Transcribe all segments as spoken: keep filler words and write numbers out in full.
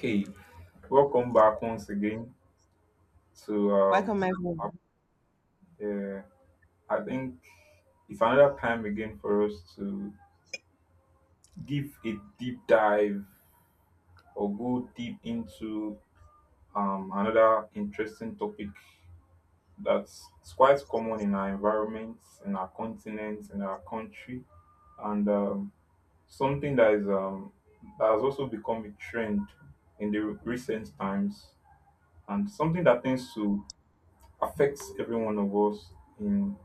Hey, welcome back once again to um, Welcome, our- everyone. uh, I think it's another time again for us to give a deep dive or go deep into um, another interesting topic that's it's quite common in our environments, in our continent, in our country, and um, something that is um, that has also become a trend in the recent times, and something that tends to affects every one of us in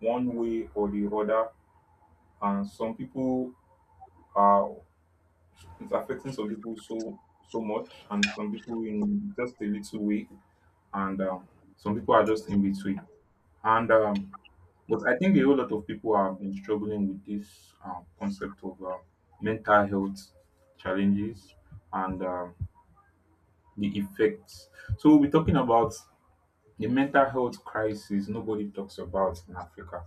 one way or the other. And some people are it's affecting some people so so much, and some people in just a little way, and um, some people are just in between. And um, but I think a whole lot of people have been struggling with this um, concept of uh, mental health challenges and um, the effects. So we'll be talking about the mental health crisis nobody talks about in Africa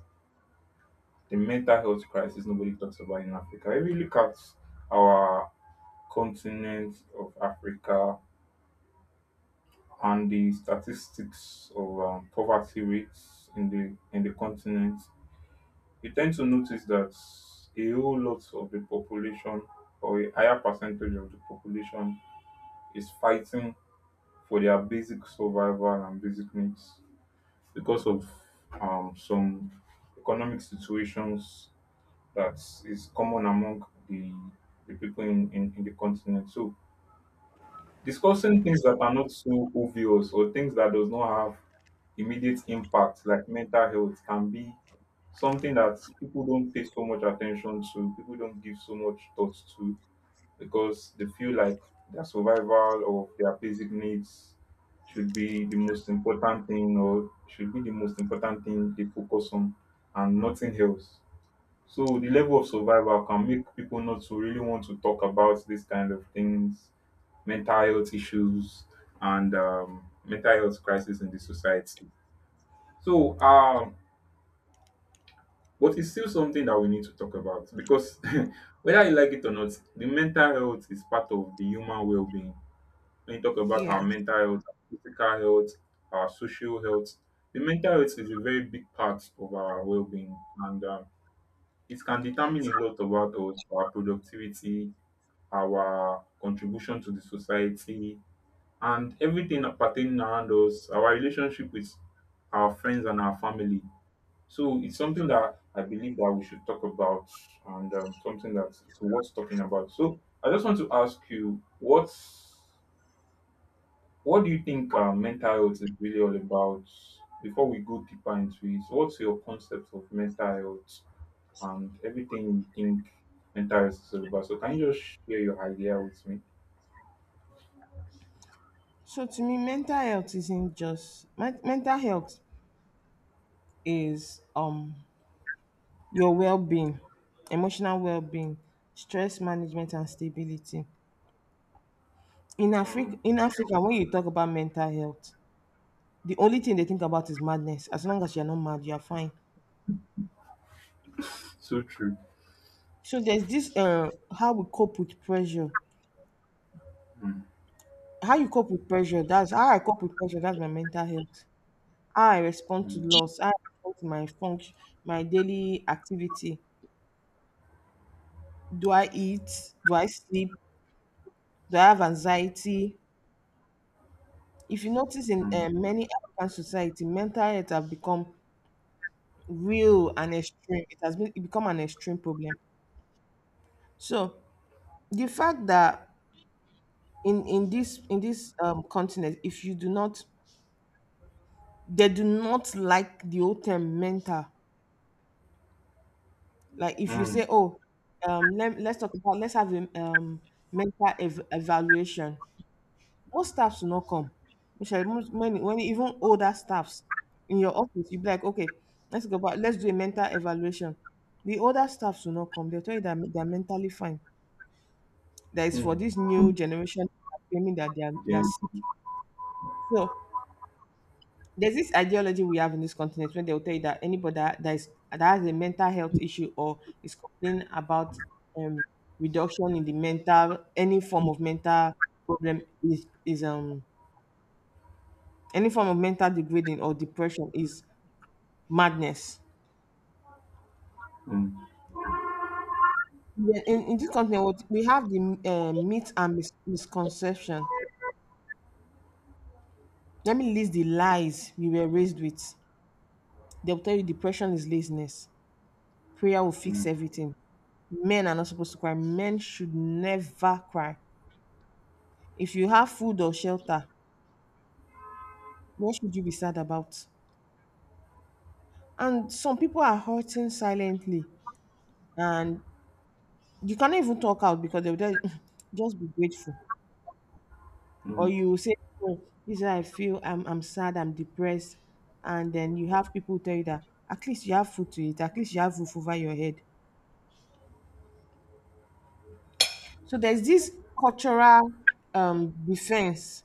the mental health crisis nobody talks about in Africa. If you look at our continent of Africa and the statistics of um, poverty rates in the in the continent, you tend to notice that a whole lot of the population or a higher percentage of the population is fighting for their basic survival and basic needs because of um, some economic situations that is common among the the people in, in, in the continent. So discussing things that are not so obvious or things that does not have immediate impact like mental health can be something that people don't pay so much attention to, people don't give so much thought to because they feel like their survival or their basic needs should be the most important thing or should be the most important thing they focus on and nothing else. So the level of survival can make people not to really want to talk about these kind of things, mental health issues and um, mental health crisis in the society. So, um, but it's still something that we need to talk about because whether you like it or not, the mental health is part of the human well-being. When you talk about Yeah. our mental health, our physical health, our social health, the mental health is a very big part of our well-being, and um, it can determine a lot about us, our productivity, our contribution to the society, and everything pertaining around us, our relationship with our friends and our family. So it's something that I believe that we should talk about, and um, something that is worth talking about. So I just want to ask you, what's what do you think uh, mental health is really all about? Before we go deeper into it, what's your concept of mental health? And everything we think enters Yoruba. So can you just share your idea with me? So to me, mental health isn't just men- mental health is um your well-being, emotional well-being, stress management, and stability. In Africa, Mm. in Africa, when you talk about mental health, the only thing they think about is madness. As long as you're not mad, you're fine. So true. So there's this uh how we cope with pressure. Mm. How you cope with pressure, that's how I cope with pressure, that's my mental health. How I respond to Mm. loss, how I respond to my function, my daily activity. Do I eat? Do I sleep? Do I have anxiety? If you notice in Mm. uh, many African society, mental health have become real and extreme. It has been it become an extreme problem. So the fact that in in this in this um, continent, if you do not, they do not like the old term mental. Like if you Mm. say, oh, um, let, let's talk about let's have a um mental ev- evaluation. Most staffs will not come. Which most many when even older staffs in your office, you'll be like, okay, let's go back, let's do a mental evaluation. The older staffs will not come. They'll tell you that they're mentally fine. That is for Mm. this new generation claiming that they are they are Yes. sick. So there's this ideology we have in this continent when they'll tell you that anybody that, that is that has a mental health issue or is complaining about um reduction in the mental, any form of mental problem is is um. Any form of mental degrading or depression is madness. Mm. Mm. Yeah, in, in this company, what- we have the uh, myth and mis- misconception. Let me list the lies we were raised with. They'll tell you depression is laziness. Prayer will fix Mm. everything. Men are not supposed to cry. Men should never cry. If you have food or shelter, what should you be sad about? And some people are hurting silently, and you cannot even talk out because they'll tell you, just be grateful. Or Mm. you say, oh, this is how I feel, i'm, I'm sad, I'm depressed. And then you have people tell you that at least you have food to eat, at least you have roof over your head. So there's this cultural um, defense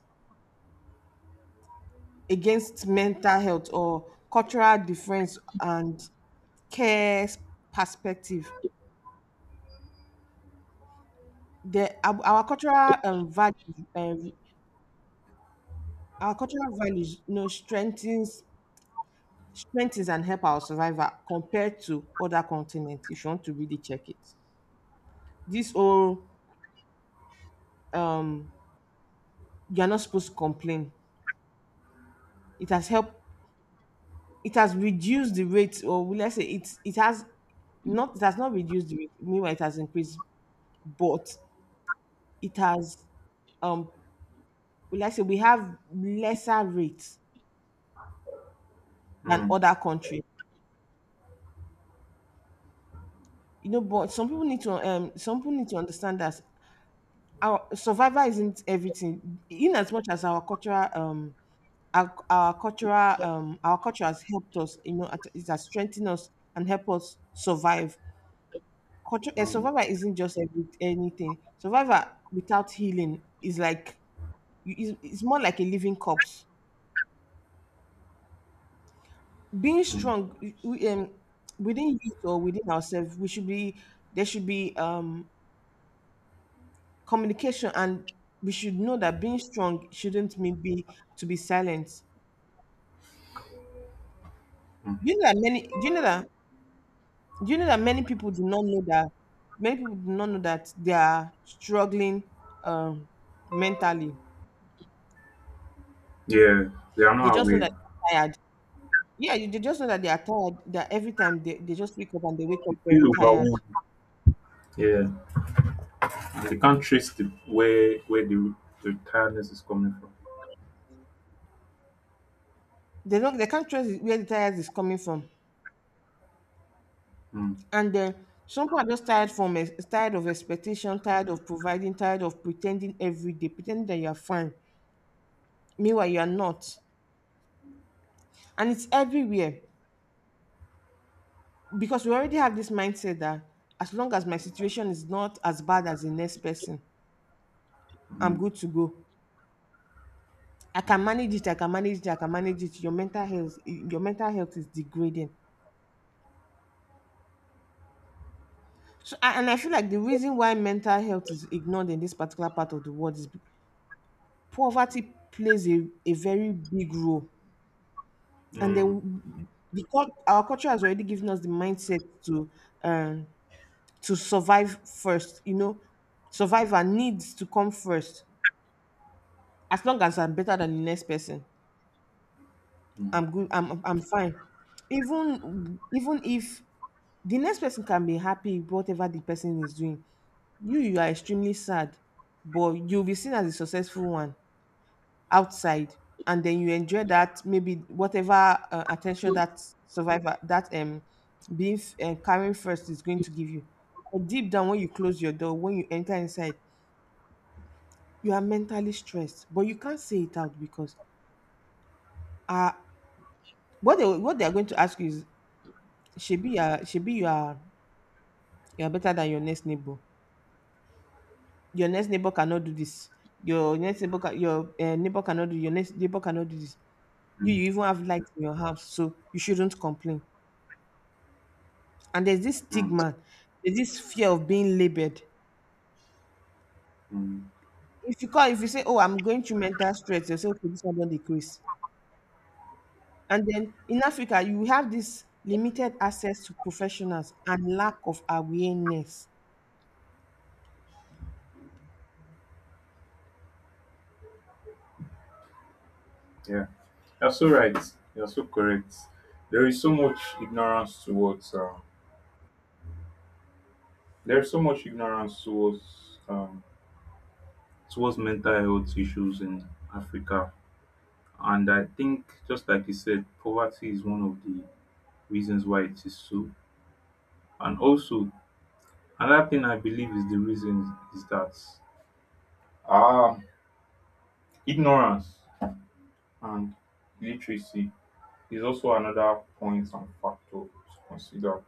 against mental health, or cultural defense and care perspective. The our, our cultural um, value um, our cultural values you know strengthens strengthens and help our survival compared to other continents if you want to really check it. This whole um you're not supposed to complain, it has helped. It has reduced the rate, or let's say it's it has not it has not reduced the rate, meanwhile it has increased. But it has um let's say we have lesser rates than other countries, you know, but some people need to um some people need to understand that our survival isn't everything. In as much as our cultural um our, our cultural um our culture has helped us you know it has strengthened us and helped us survive, control and Mm. survival isn't just every, anything. Survival without healing is like is, it's more like a living corpse. Being Mm. strong, we, um, within youth or within ourselves we should be there should be um communication, and we should know that being strong shouldn't mean be to be silent. Mm. Do you know that many do you know that do you know that many people do not know that many people do not know that they are struggling um mentally. Yeah, they are They not just know aware. that they're tired. Yeah, you they just know that they are tired. That every time they, they just wake up and they wake They up feel very tired. overwhelmed. Yeah, and they can't trace the where where the the tiredness is coming from. They don't they can't trace where the tired is coming from. Mm. And then some people are just tired from ex- tired of expectation, tired of providing, tired of pretending every day, pretending that you are fine. Meanwhile, you are not. And it's everywhere because we already have this mindset that as long as my situation is not as bad as the next person, I'm Mm. good to go. I can manage it. I can manage it. I can manage it. Your mental health, your mental health is degrading. So, a- and I feel like the reason why mental health is ignored in this particular part of the world is be- poverty plays a, a very big role. And Mm. then the, cul- our culture has already given us the mindset to um, to survive first. You know, survivor needs to come first. As long as I'm better than the next person, Mm. I'm good. I'm I'm I'm fine. Even even if the next person can be happy with whatever the person is doing, you you are extremely sad, but you'll be seen as a successful one outside. And then you enjoy that, maybe whatever uh, attention that survivor, that um being f- uh, carrying first is going to give you. But deep down when you close your door, when you enter inside, you are mentally stressed, but you can't say it out, because uh what they what they are going to ask you is, shebi you are shebi you are you are better than your next neighbor. Your next neighbor cannot do this. Your next neighbor can, your uh, neighbor cannot do Your next neighbor cannot do this. you, Mm. you even have lights in your house, so you shouldn't complain. And there's this Mm. stigma, there's this fear of being labeled. Mm. If you call if you say, oh, I'm going through mental stress, you'll say, okay, this one don't decrease. And then in Africa you have this limited access to professionals and lack of awareness. Yeah. You're so right. You're so correct. There is so much ignorance towards um, there is so much ignorance towards um, towards mental health issues in Africa, and I think just like you said, poverty is one of the reasons why it is so. And also another thing I believe is the reason is that um, ignorance and literacy is also another point and factor to consider.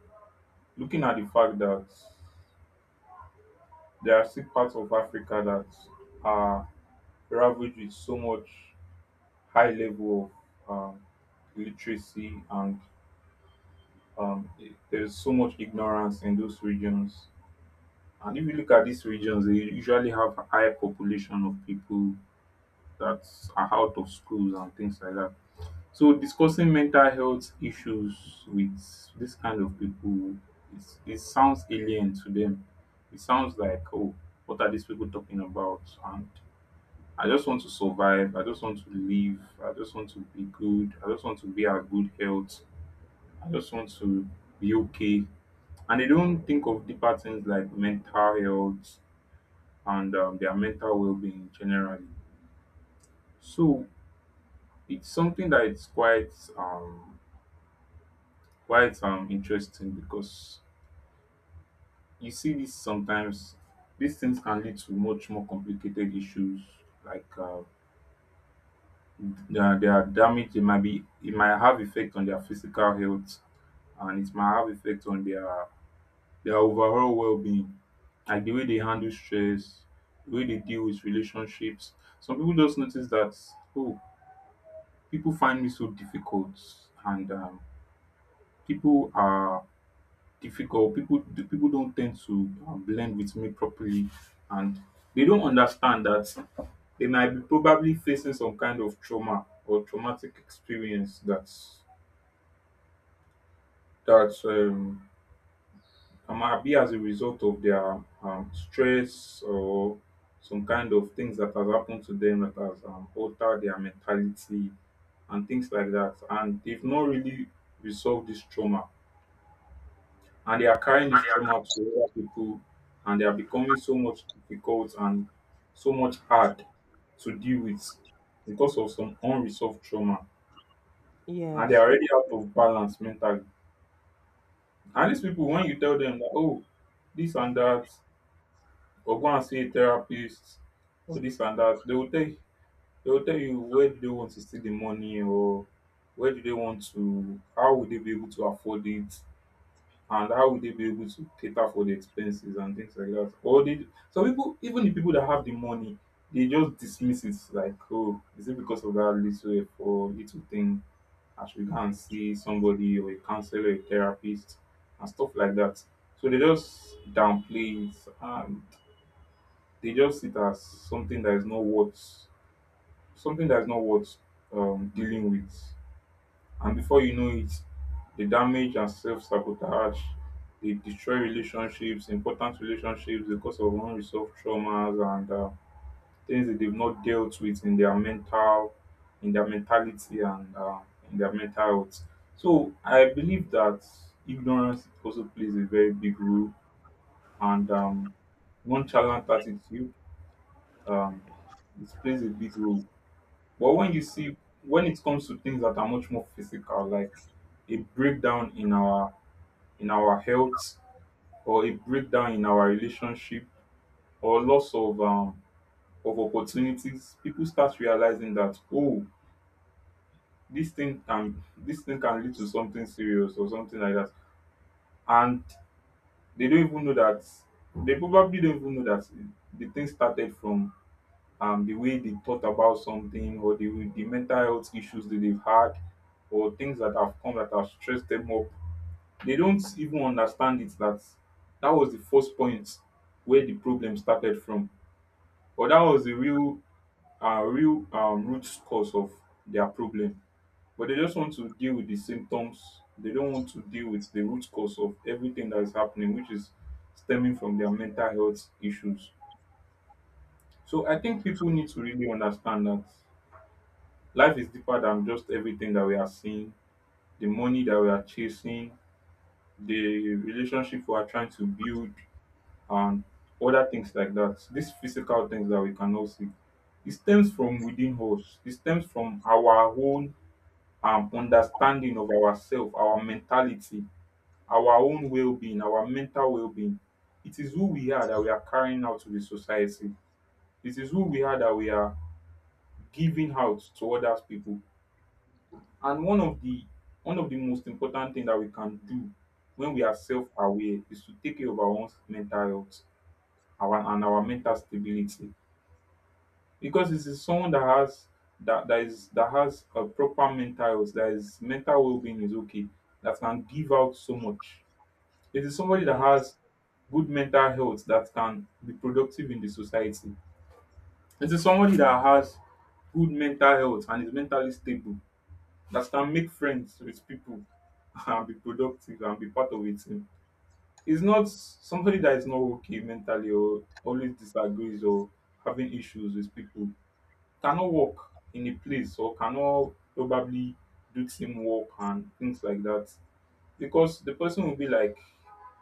Looking at the fact that there are still parts of Africa that are ravaged with so much high level of um, literacy and um, i- there's so much ignorance in those regions. And if you look at these regions, they usually have a high population of people that are out of schools and things like that. So discussing mental health issues with this kind of people, it's, it sounds alien to them. It sounds like, oh, what are these people talking about? And I just want to survive. I just want to live. I just want to be good. I just want to be at good health. I just want to be okay. And they don't think of deeper things like mental health and um, their mental well-being generally. So it's something that it's quite um quite um interesting because you see this sometimes these things can lead to much more complicated issues like uh, their, their damage it might be it might have effect on their physical health and it might have effect on their their overall well-being, like the way they handle stress, the way they deal with relationships. Some people just notice that oh, people find me so difficult, and um, people are difficult. People the people don't tend to um, blend with me properly, and they don't understand that they might be probably facing some kind of trauma or traumatic experience that's that um, it might be as a result of their um, stress or some kind of things that has happened to them that has um, altered their mentality and things like that. And they've not really resolved this trauma. And they are carrying this trauma to other people and they are becoming so much difficult and so much hard to deal with because of some unresolved trauma. And they are Yes. already out of balance mentally. And these people, when you tell them that, oh, this and that, or go and see a therapist all this and that. They will tell you, they will tell you where do they want to see the money or where do they want to, how will they be able to afford it and how will they be able to cater for the expenses and things like that. Or they, some people, even the people that have the money, they just dismiss it like, oh, is it because of that little effort, or little thing? I should go and see somebody or a counselor, a therapist, and stuff like that. So they just downplay it. Ah, they just see it as something that is not worth something that is not worth um, dealing with. And before you know it, the damage and self sabotage, they destroy relationships, important relationships because of unresolved traumas and uh, things that they've not dealt with in their mental, in their mentality and uh, in their mental health. So I believe that ignorance also plays a very big role and um, nonchalant attitude um, it plays a big role. But when you see, when it comes to things that are much more physical, like a breakdown in our in our health, or a breakdown in our relationship, or loss of um, of opportunities, people start realizing that oh, this thing can this thing can lead to something serious or something like that, and they don't even know that they probably don't even know that the thing started from um, the way they thought about something or the, way- the mental health issues that they've had or things that have come that have stressed them up. They don't even understand it that that was the first point where the problem started from, or that was the real, uh, real um, root cause of their problem. But they just want to deal with the symptoms. They don't want to deal with the root cause of everything that is happening, which is stemming from their mental health issues. So I think people need to really understand that life is deeper than just everything that we are seeing, the money that we are chasing, the relationship we are trying to build, and other things like that. These physical things that we cannot see. It stems from within us, it stems from our own um, understanding of ourselves, our mentality, our own well being, our mental well being. It is who we are that we are carrying out to the society, it is who we are that we are giving out to other people. And one of the one of the most important thing that we can do when we are self-aware is to take care of our own mental health our, and our mental stability. Because this is someone that has that, that is that has a proper mental health, that is mental well-being is okay, that can give out so much. It is somebody that Yes. has good mental health that can be productive in the society. It is somebody that has good mental health and is mentally stable that can make friends with people and be productive and be part of a team. It's not somebody that is not okay mentally or always disagrees or having issues with people cannot work in a place or cannot probably do teamwork and things like that because the person will be like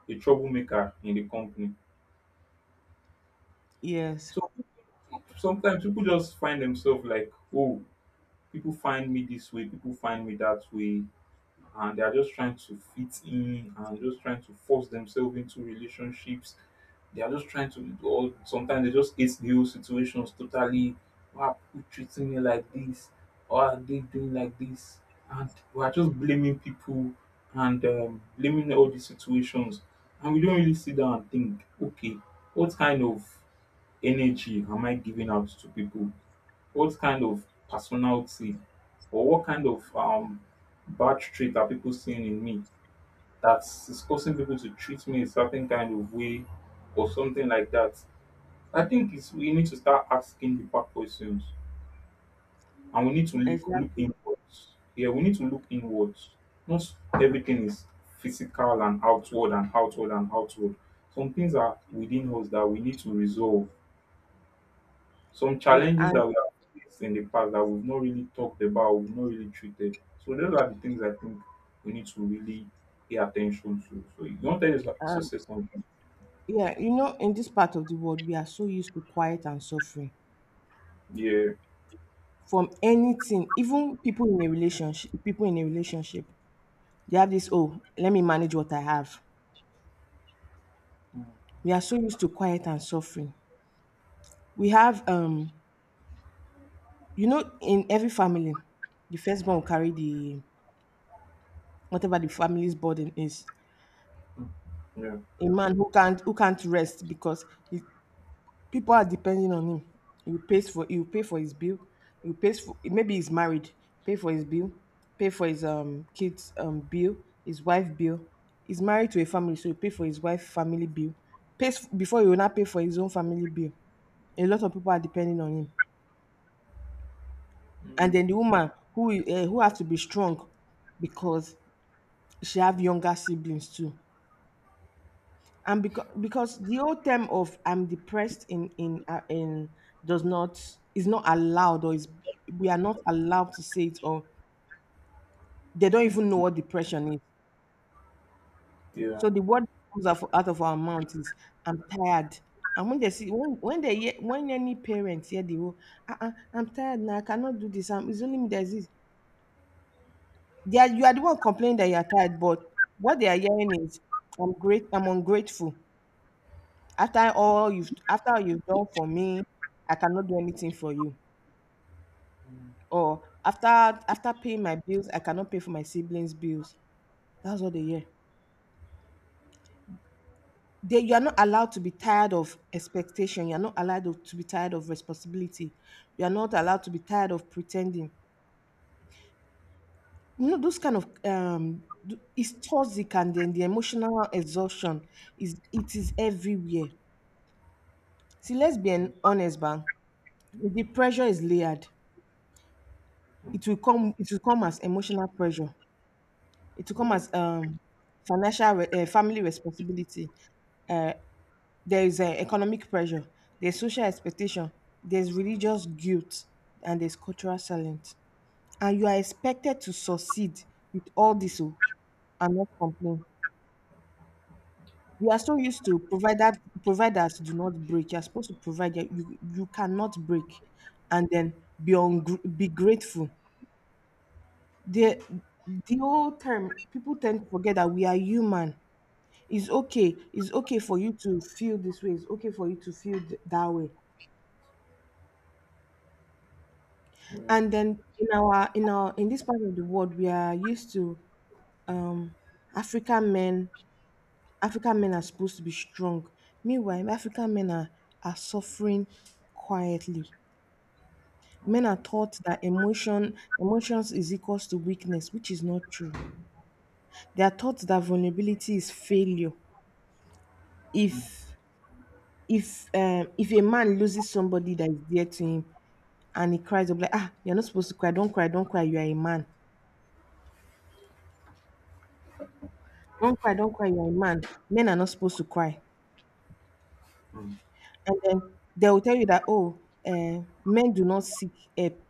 a troublemaker in the company. Yes. So sometimes people just find themselves like, oh, people find me this way, people find me that way, and they are just trying to fit in and just trying to force themselves into relationships. They are just trying to, or sometimes they just hate the whole situations totally. Why are people treating me like this? Why are they doing like this? And we are just blaming people and um, blaming all these situations. And we don't really sit down and think, okay, what kind of energy am I giving out to people? What kind of personality or what kind of um, bad trait are people seeing in me that is causing people to treat me a certain kind of way or something like that? I think it's we need to start asking the back questions and we need to look, look Exactly. inwards. Yeah, we need to look inwards. Not everything is physical and outward and outward and outward. Some things are within us that we need to resolve some Yeah. challenges And that we have faced in the past that we've not really talked about, we've not really treated. So those are the things I think we need to really pay attention to. So you don't tell yourself to um, say something. yeah, you know, in this part of the world, we are so used to quiet and suffering Yeah. from anything. Even people in a relationship, people in a relationship, they have this, oh, let me manage what I have. Mm, We are so used to quiet and suffering. We have um, you know, in every family, the firstborn will carry the, whatever the family's burden is. mm, Yeah. A man who can't who can't rest because he people are depending on him. He will pay for he pay for his bill. He will pay for, maybe he's married, pay for his bill, pay for his um kids um bill, his wife bill. He's married to a family, so he pay for his wife family bill. Pays before he will not pay for his own family bill. A lot of people are depending on him, and Mm, then the woman who uh, who has to be strong because she have younger siblings too. And because because the old term of I'm depressed, in in uh, in does not is not allowed, or is we are not allowed to say it, or they don't even know what depression is. Yeah. So the word that comes out of, out of our mouth is I'm tired. And when they see when when they hear, when any parents hear the whole uh-uh, I'm tired, now I cannot do this. I'm, it's only me that is this. They are, you are the one complaining that you are tired, but what they are hearing is, I'm great. I'm ungrateful. after all you've after all you've done for me, I cannot do anything for you. Or after after paying my bills I cannot pay for my siblings bills. That's what they hear. They You are not allowed to be tired of expectation, you are not allowed of- to be tired of responsibility, you are not allowed to be tired of pretending. You know those kind of um th- it's toxic, and then the emotional exhaustion is it is everywhere. See, let's be an honest bang, the pressure is layered. Mm, It will come it will come as emotional pressure. It will come Yeah. as um, financial, re- eh, family responsibility. Uh, there is uh, economic pressure. There's social expectation. There's religious guilt, and there's cultural silence. And you are expected to succeed with all this, oh, and not complain. We are so used to providers. Providers do not break. You are supposed to provide. You you you cannot break, and then be ungr- be grateful the the whole time. People tend to forget that we are human. It's okay, it's okay for you to feel this way. It's okay for you to feel th- that way. Yeah. And then in our in our in this part of the world, we are used to um african men African men are supposed to be strong. Meanwhile, African men are are suffering quietly. Men are taught that emotion emotions is equals to weakness, which is not true. They are taught that vulnerability is failure. if if um if a man loses somebody that is dear to him and he cries, they'll like, ah, you're not supposed to cry. Don't cry, don't cry, you are a man. Don't cry don't cry you are a man Men are not supposed to cry. Mm, And then they will tell you that, oh, uh, men do not seek help.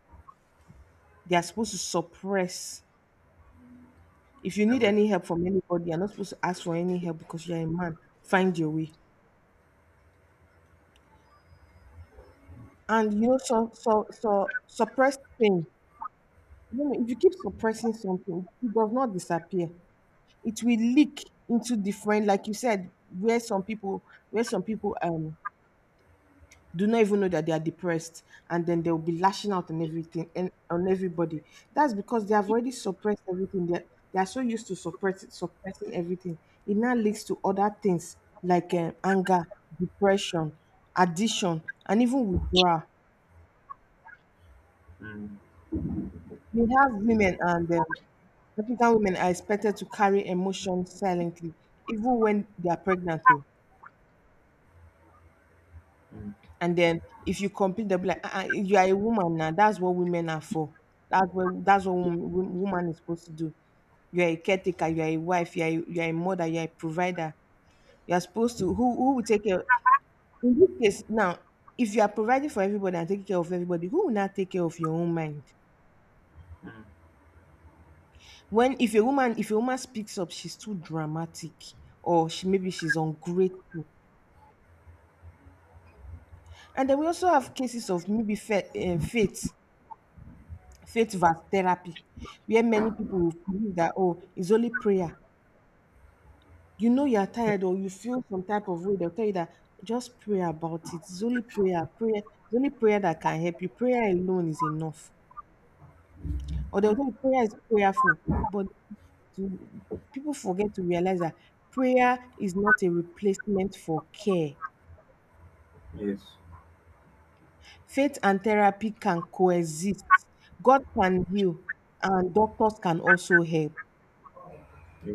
They are supposed to suppress. If you I need wish- any help from anybody, you're not supposed to ask for any help because you're a man. Find your way. And you know, so so so suppressed thing. You know, if you keep suppressing something, it does not disappear. It will leak into different, like you said, where some people, where some people um do not even know that they are depressed. And then they'll be lashing out on everything and on everybody. That's because they have already suppressed everything. They they are so used to suppress, suppressing everything. It now leads to other things like um, anger, depression, addiction, and even withdrawal. mm, We have women, and um, African women are expected to carry emotions silently, even when they are pregnant though. mm, And then if you complain, the will like, uh, you are a woman now. That's what women are for. That's what that's what wom- wom- woman is supposed to do. You are a caretaker. You are a wife. You are a, you are a mother. You are a provider. You are supposed to who who will take care. In this case, now, if you are providing for everybody and taking care of everybody, who will not take care of your own mind? When if a woman If a woman speaks up, she's too dramatic, or she maybe she's ungrateful. And then we also have cases of maybe fa- eh, faith. Faith versus therapy, where many people will believe that, oh, it's only prayer. You know, you're tired or you feel some type of way, they'll tell you that just pray about it. It's only prayer. Prayer it's only prayer that can help you. Prayer alone is enough. Or they'll tell you prayer is prayerful. But to, people forget to realize that prayer is not a replacement for care. Yes. Faith and therapy can coexist. God can heal, and doctors can also help. Yeah.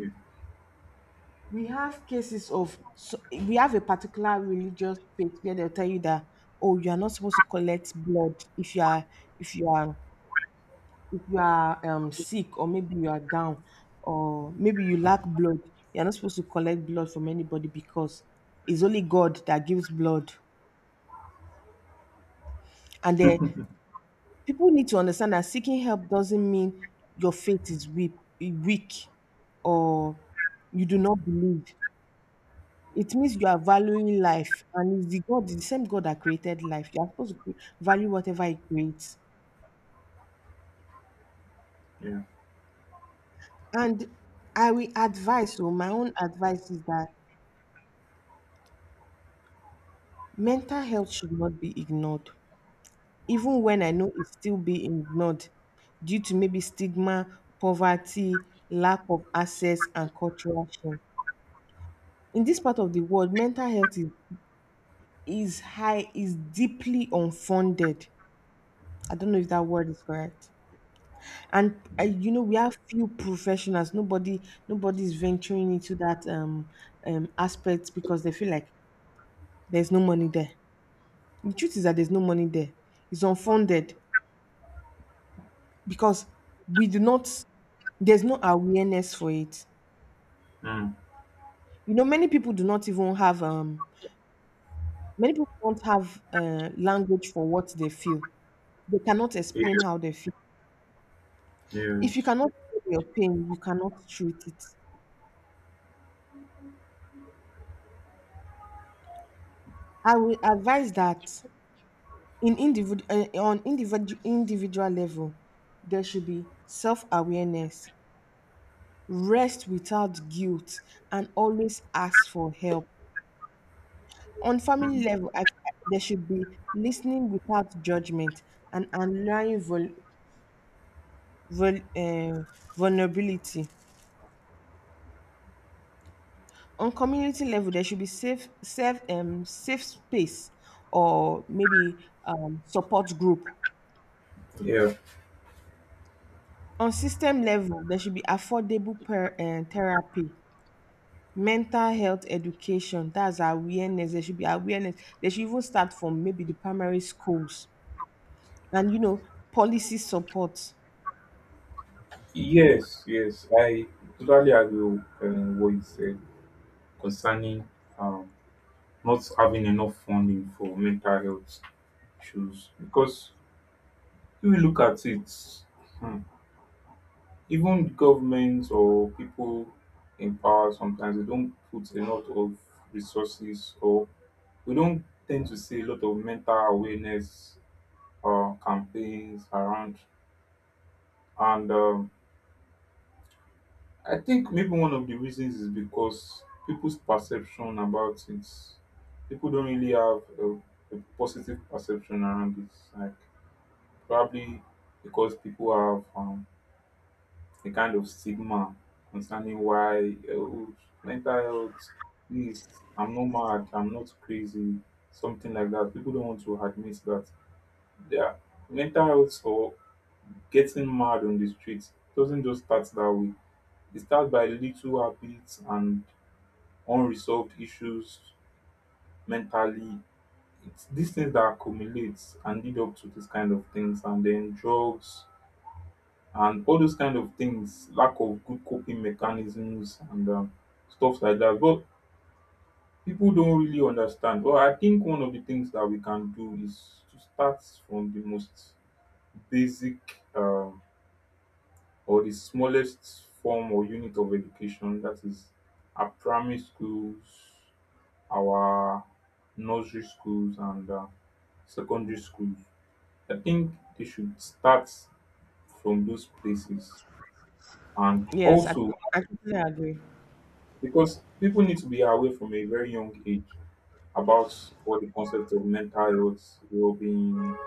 We have cases of so We have a particular religious faith where they'll tell you that, oh, you are not supposed to collect blood if you are, if you are if you are um sick, or maybe you are down, or maybe you lack blood. You're not supposed to collect blood from anybody because it's only God that gives blood. And then people need to understand that seeking help doesn't mean your faith is weak, weak or you do not believe. It means you are valuing life, and it's the God, the same God that created life. You are supposed to value whatever He creates. Yeah. And I will advise, so my own advice is that mental health should not be ignored, even when I know it's still being ignored due to maybe stigma, poverty, lack of access, and cultural shame. In this part of the world, mental health is, is high, is deeply unfunded. I don't know if that word is correct. And uh, Mm, you know, we have few professionals. Nobody nobody is venturing into that um, um aspect because they feel like there's no money there. The truth is that there's no money there. It's unfunded because we do not there's no awareness for it. mm, You know, many people do not even have um many people don't have uh, language for what they feel. They cannot Yeah. explain how they feel. Yes. If you cannot feel your pain, you cannot treat it. I will advise that In individ- uh, on individ- individual level, there should be self awareness, rest without guilt, and always ask for help. On family Mm, level, I, I- there should be listening without judgment and allowing vul, vul, uh, vulnerability. On community level, there should be safe, safe, um, safe space, or maybe um, support group. Yeah. On system level, there should be affordable per, uh, therapy. Mental health education, that's awareness. There should be awareness. They should even start from maybe the primary schools and, you know, policy support. Yes. Yes. I totally agree with um, what you said concerning um not having enough funding for mental health issues because if you look at it, hmm, even governments or people in power sometimes they don't put a lot of resources, or we don't tend to see a lot of mental awareness uh, campaigns around. And um, I think maybe one of the reasons is because people's perception about it, people don't really have a, a positive perception around this. Probably because people have um, a kind of stigma concerning why, oh, mental health, please, I'm not mad, I'm not crazy, something like that. People don't want to admit that their mental health or getting mad on the streets doesn't just start that way. It starts by little habits and unresolved issues mentally. It's these things that accumulate and lead up to this kind of things, and then drugs and all those kind of things, lack of good coping mechanisms and um, stuff like that. But people don't really understand. Well, I think one of the things that we can do is to start from the most basic um, or the smallest form or unit of education, that is our primary schools, our nursery schools, and uh, secondary schools. I think they should start from those places. And Yes, I, also, I totally agree. because people need to be aware from a very young age about all the concepts of mental health, well-being,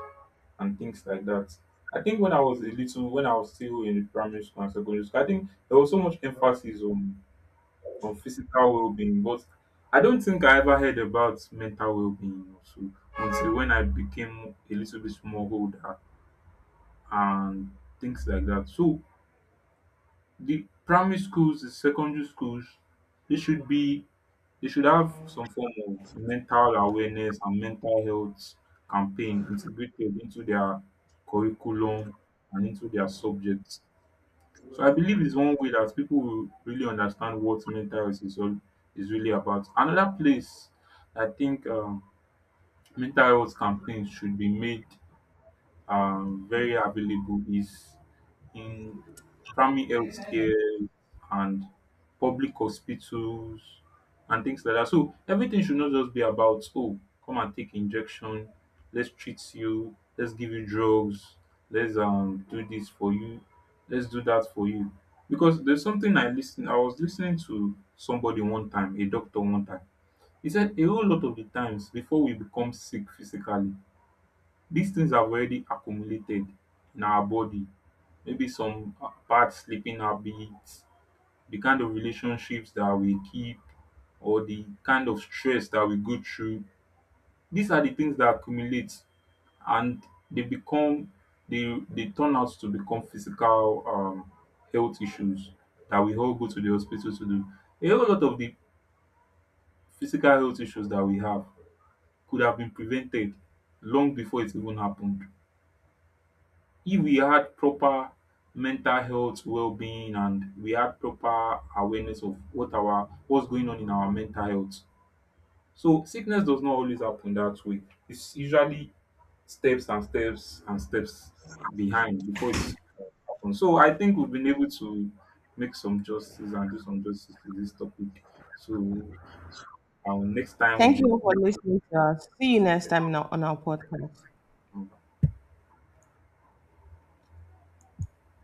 and things like that. I think when I was a little, when I was still in primary school and secondary school, I think there was so much emphasis on, on physical well-being, but I don't think I ever heard about mental well-being also until when I became a little bit more older and things like that. So the primary schools, the secondary schools, they should be, they should have some form of mental awareness and mental health campaign integrated into their curriculum and into their subjects. So I believe it's one way that people will really understand what mental health is all, is really about. Another place I think um, mental health campaigns should be made um, very available is in primary healthcare and public hospitals and things like that. So everything should not just be about, oh, come and take injection, let's treat you, let's give you drugs, let's um do this for you, let's do that for you. Because there's something I listen I was listening to somebody one time, a doctor one time. He said a whole lot of the times before we become sick physically, these things have already accumulated in our body. Maybe some uh, bad sleeping habits, the kind of relationships that we keep, or the kind of stress that we go through. These are the things that accumulate, and they become, they they turn out to become physical um, health issues that we all go to the hospital to do. A whole lot of the physical health issues that we have could have been prevented long before it even happened, if we had proper mental health well-being and we had proper awareness of what our what's going on in our mental health. So sickness does not always happen that way. It's usually steps and steps and steps behind before it's happened. So I think we've been able to make some justice and do some justice to this topic. So um, next time Thank you all for we'll listening to us. See you next time in our- on our podcast. be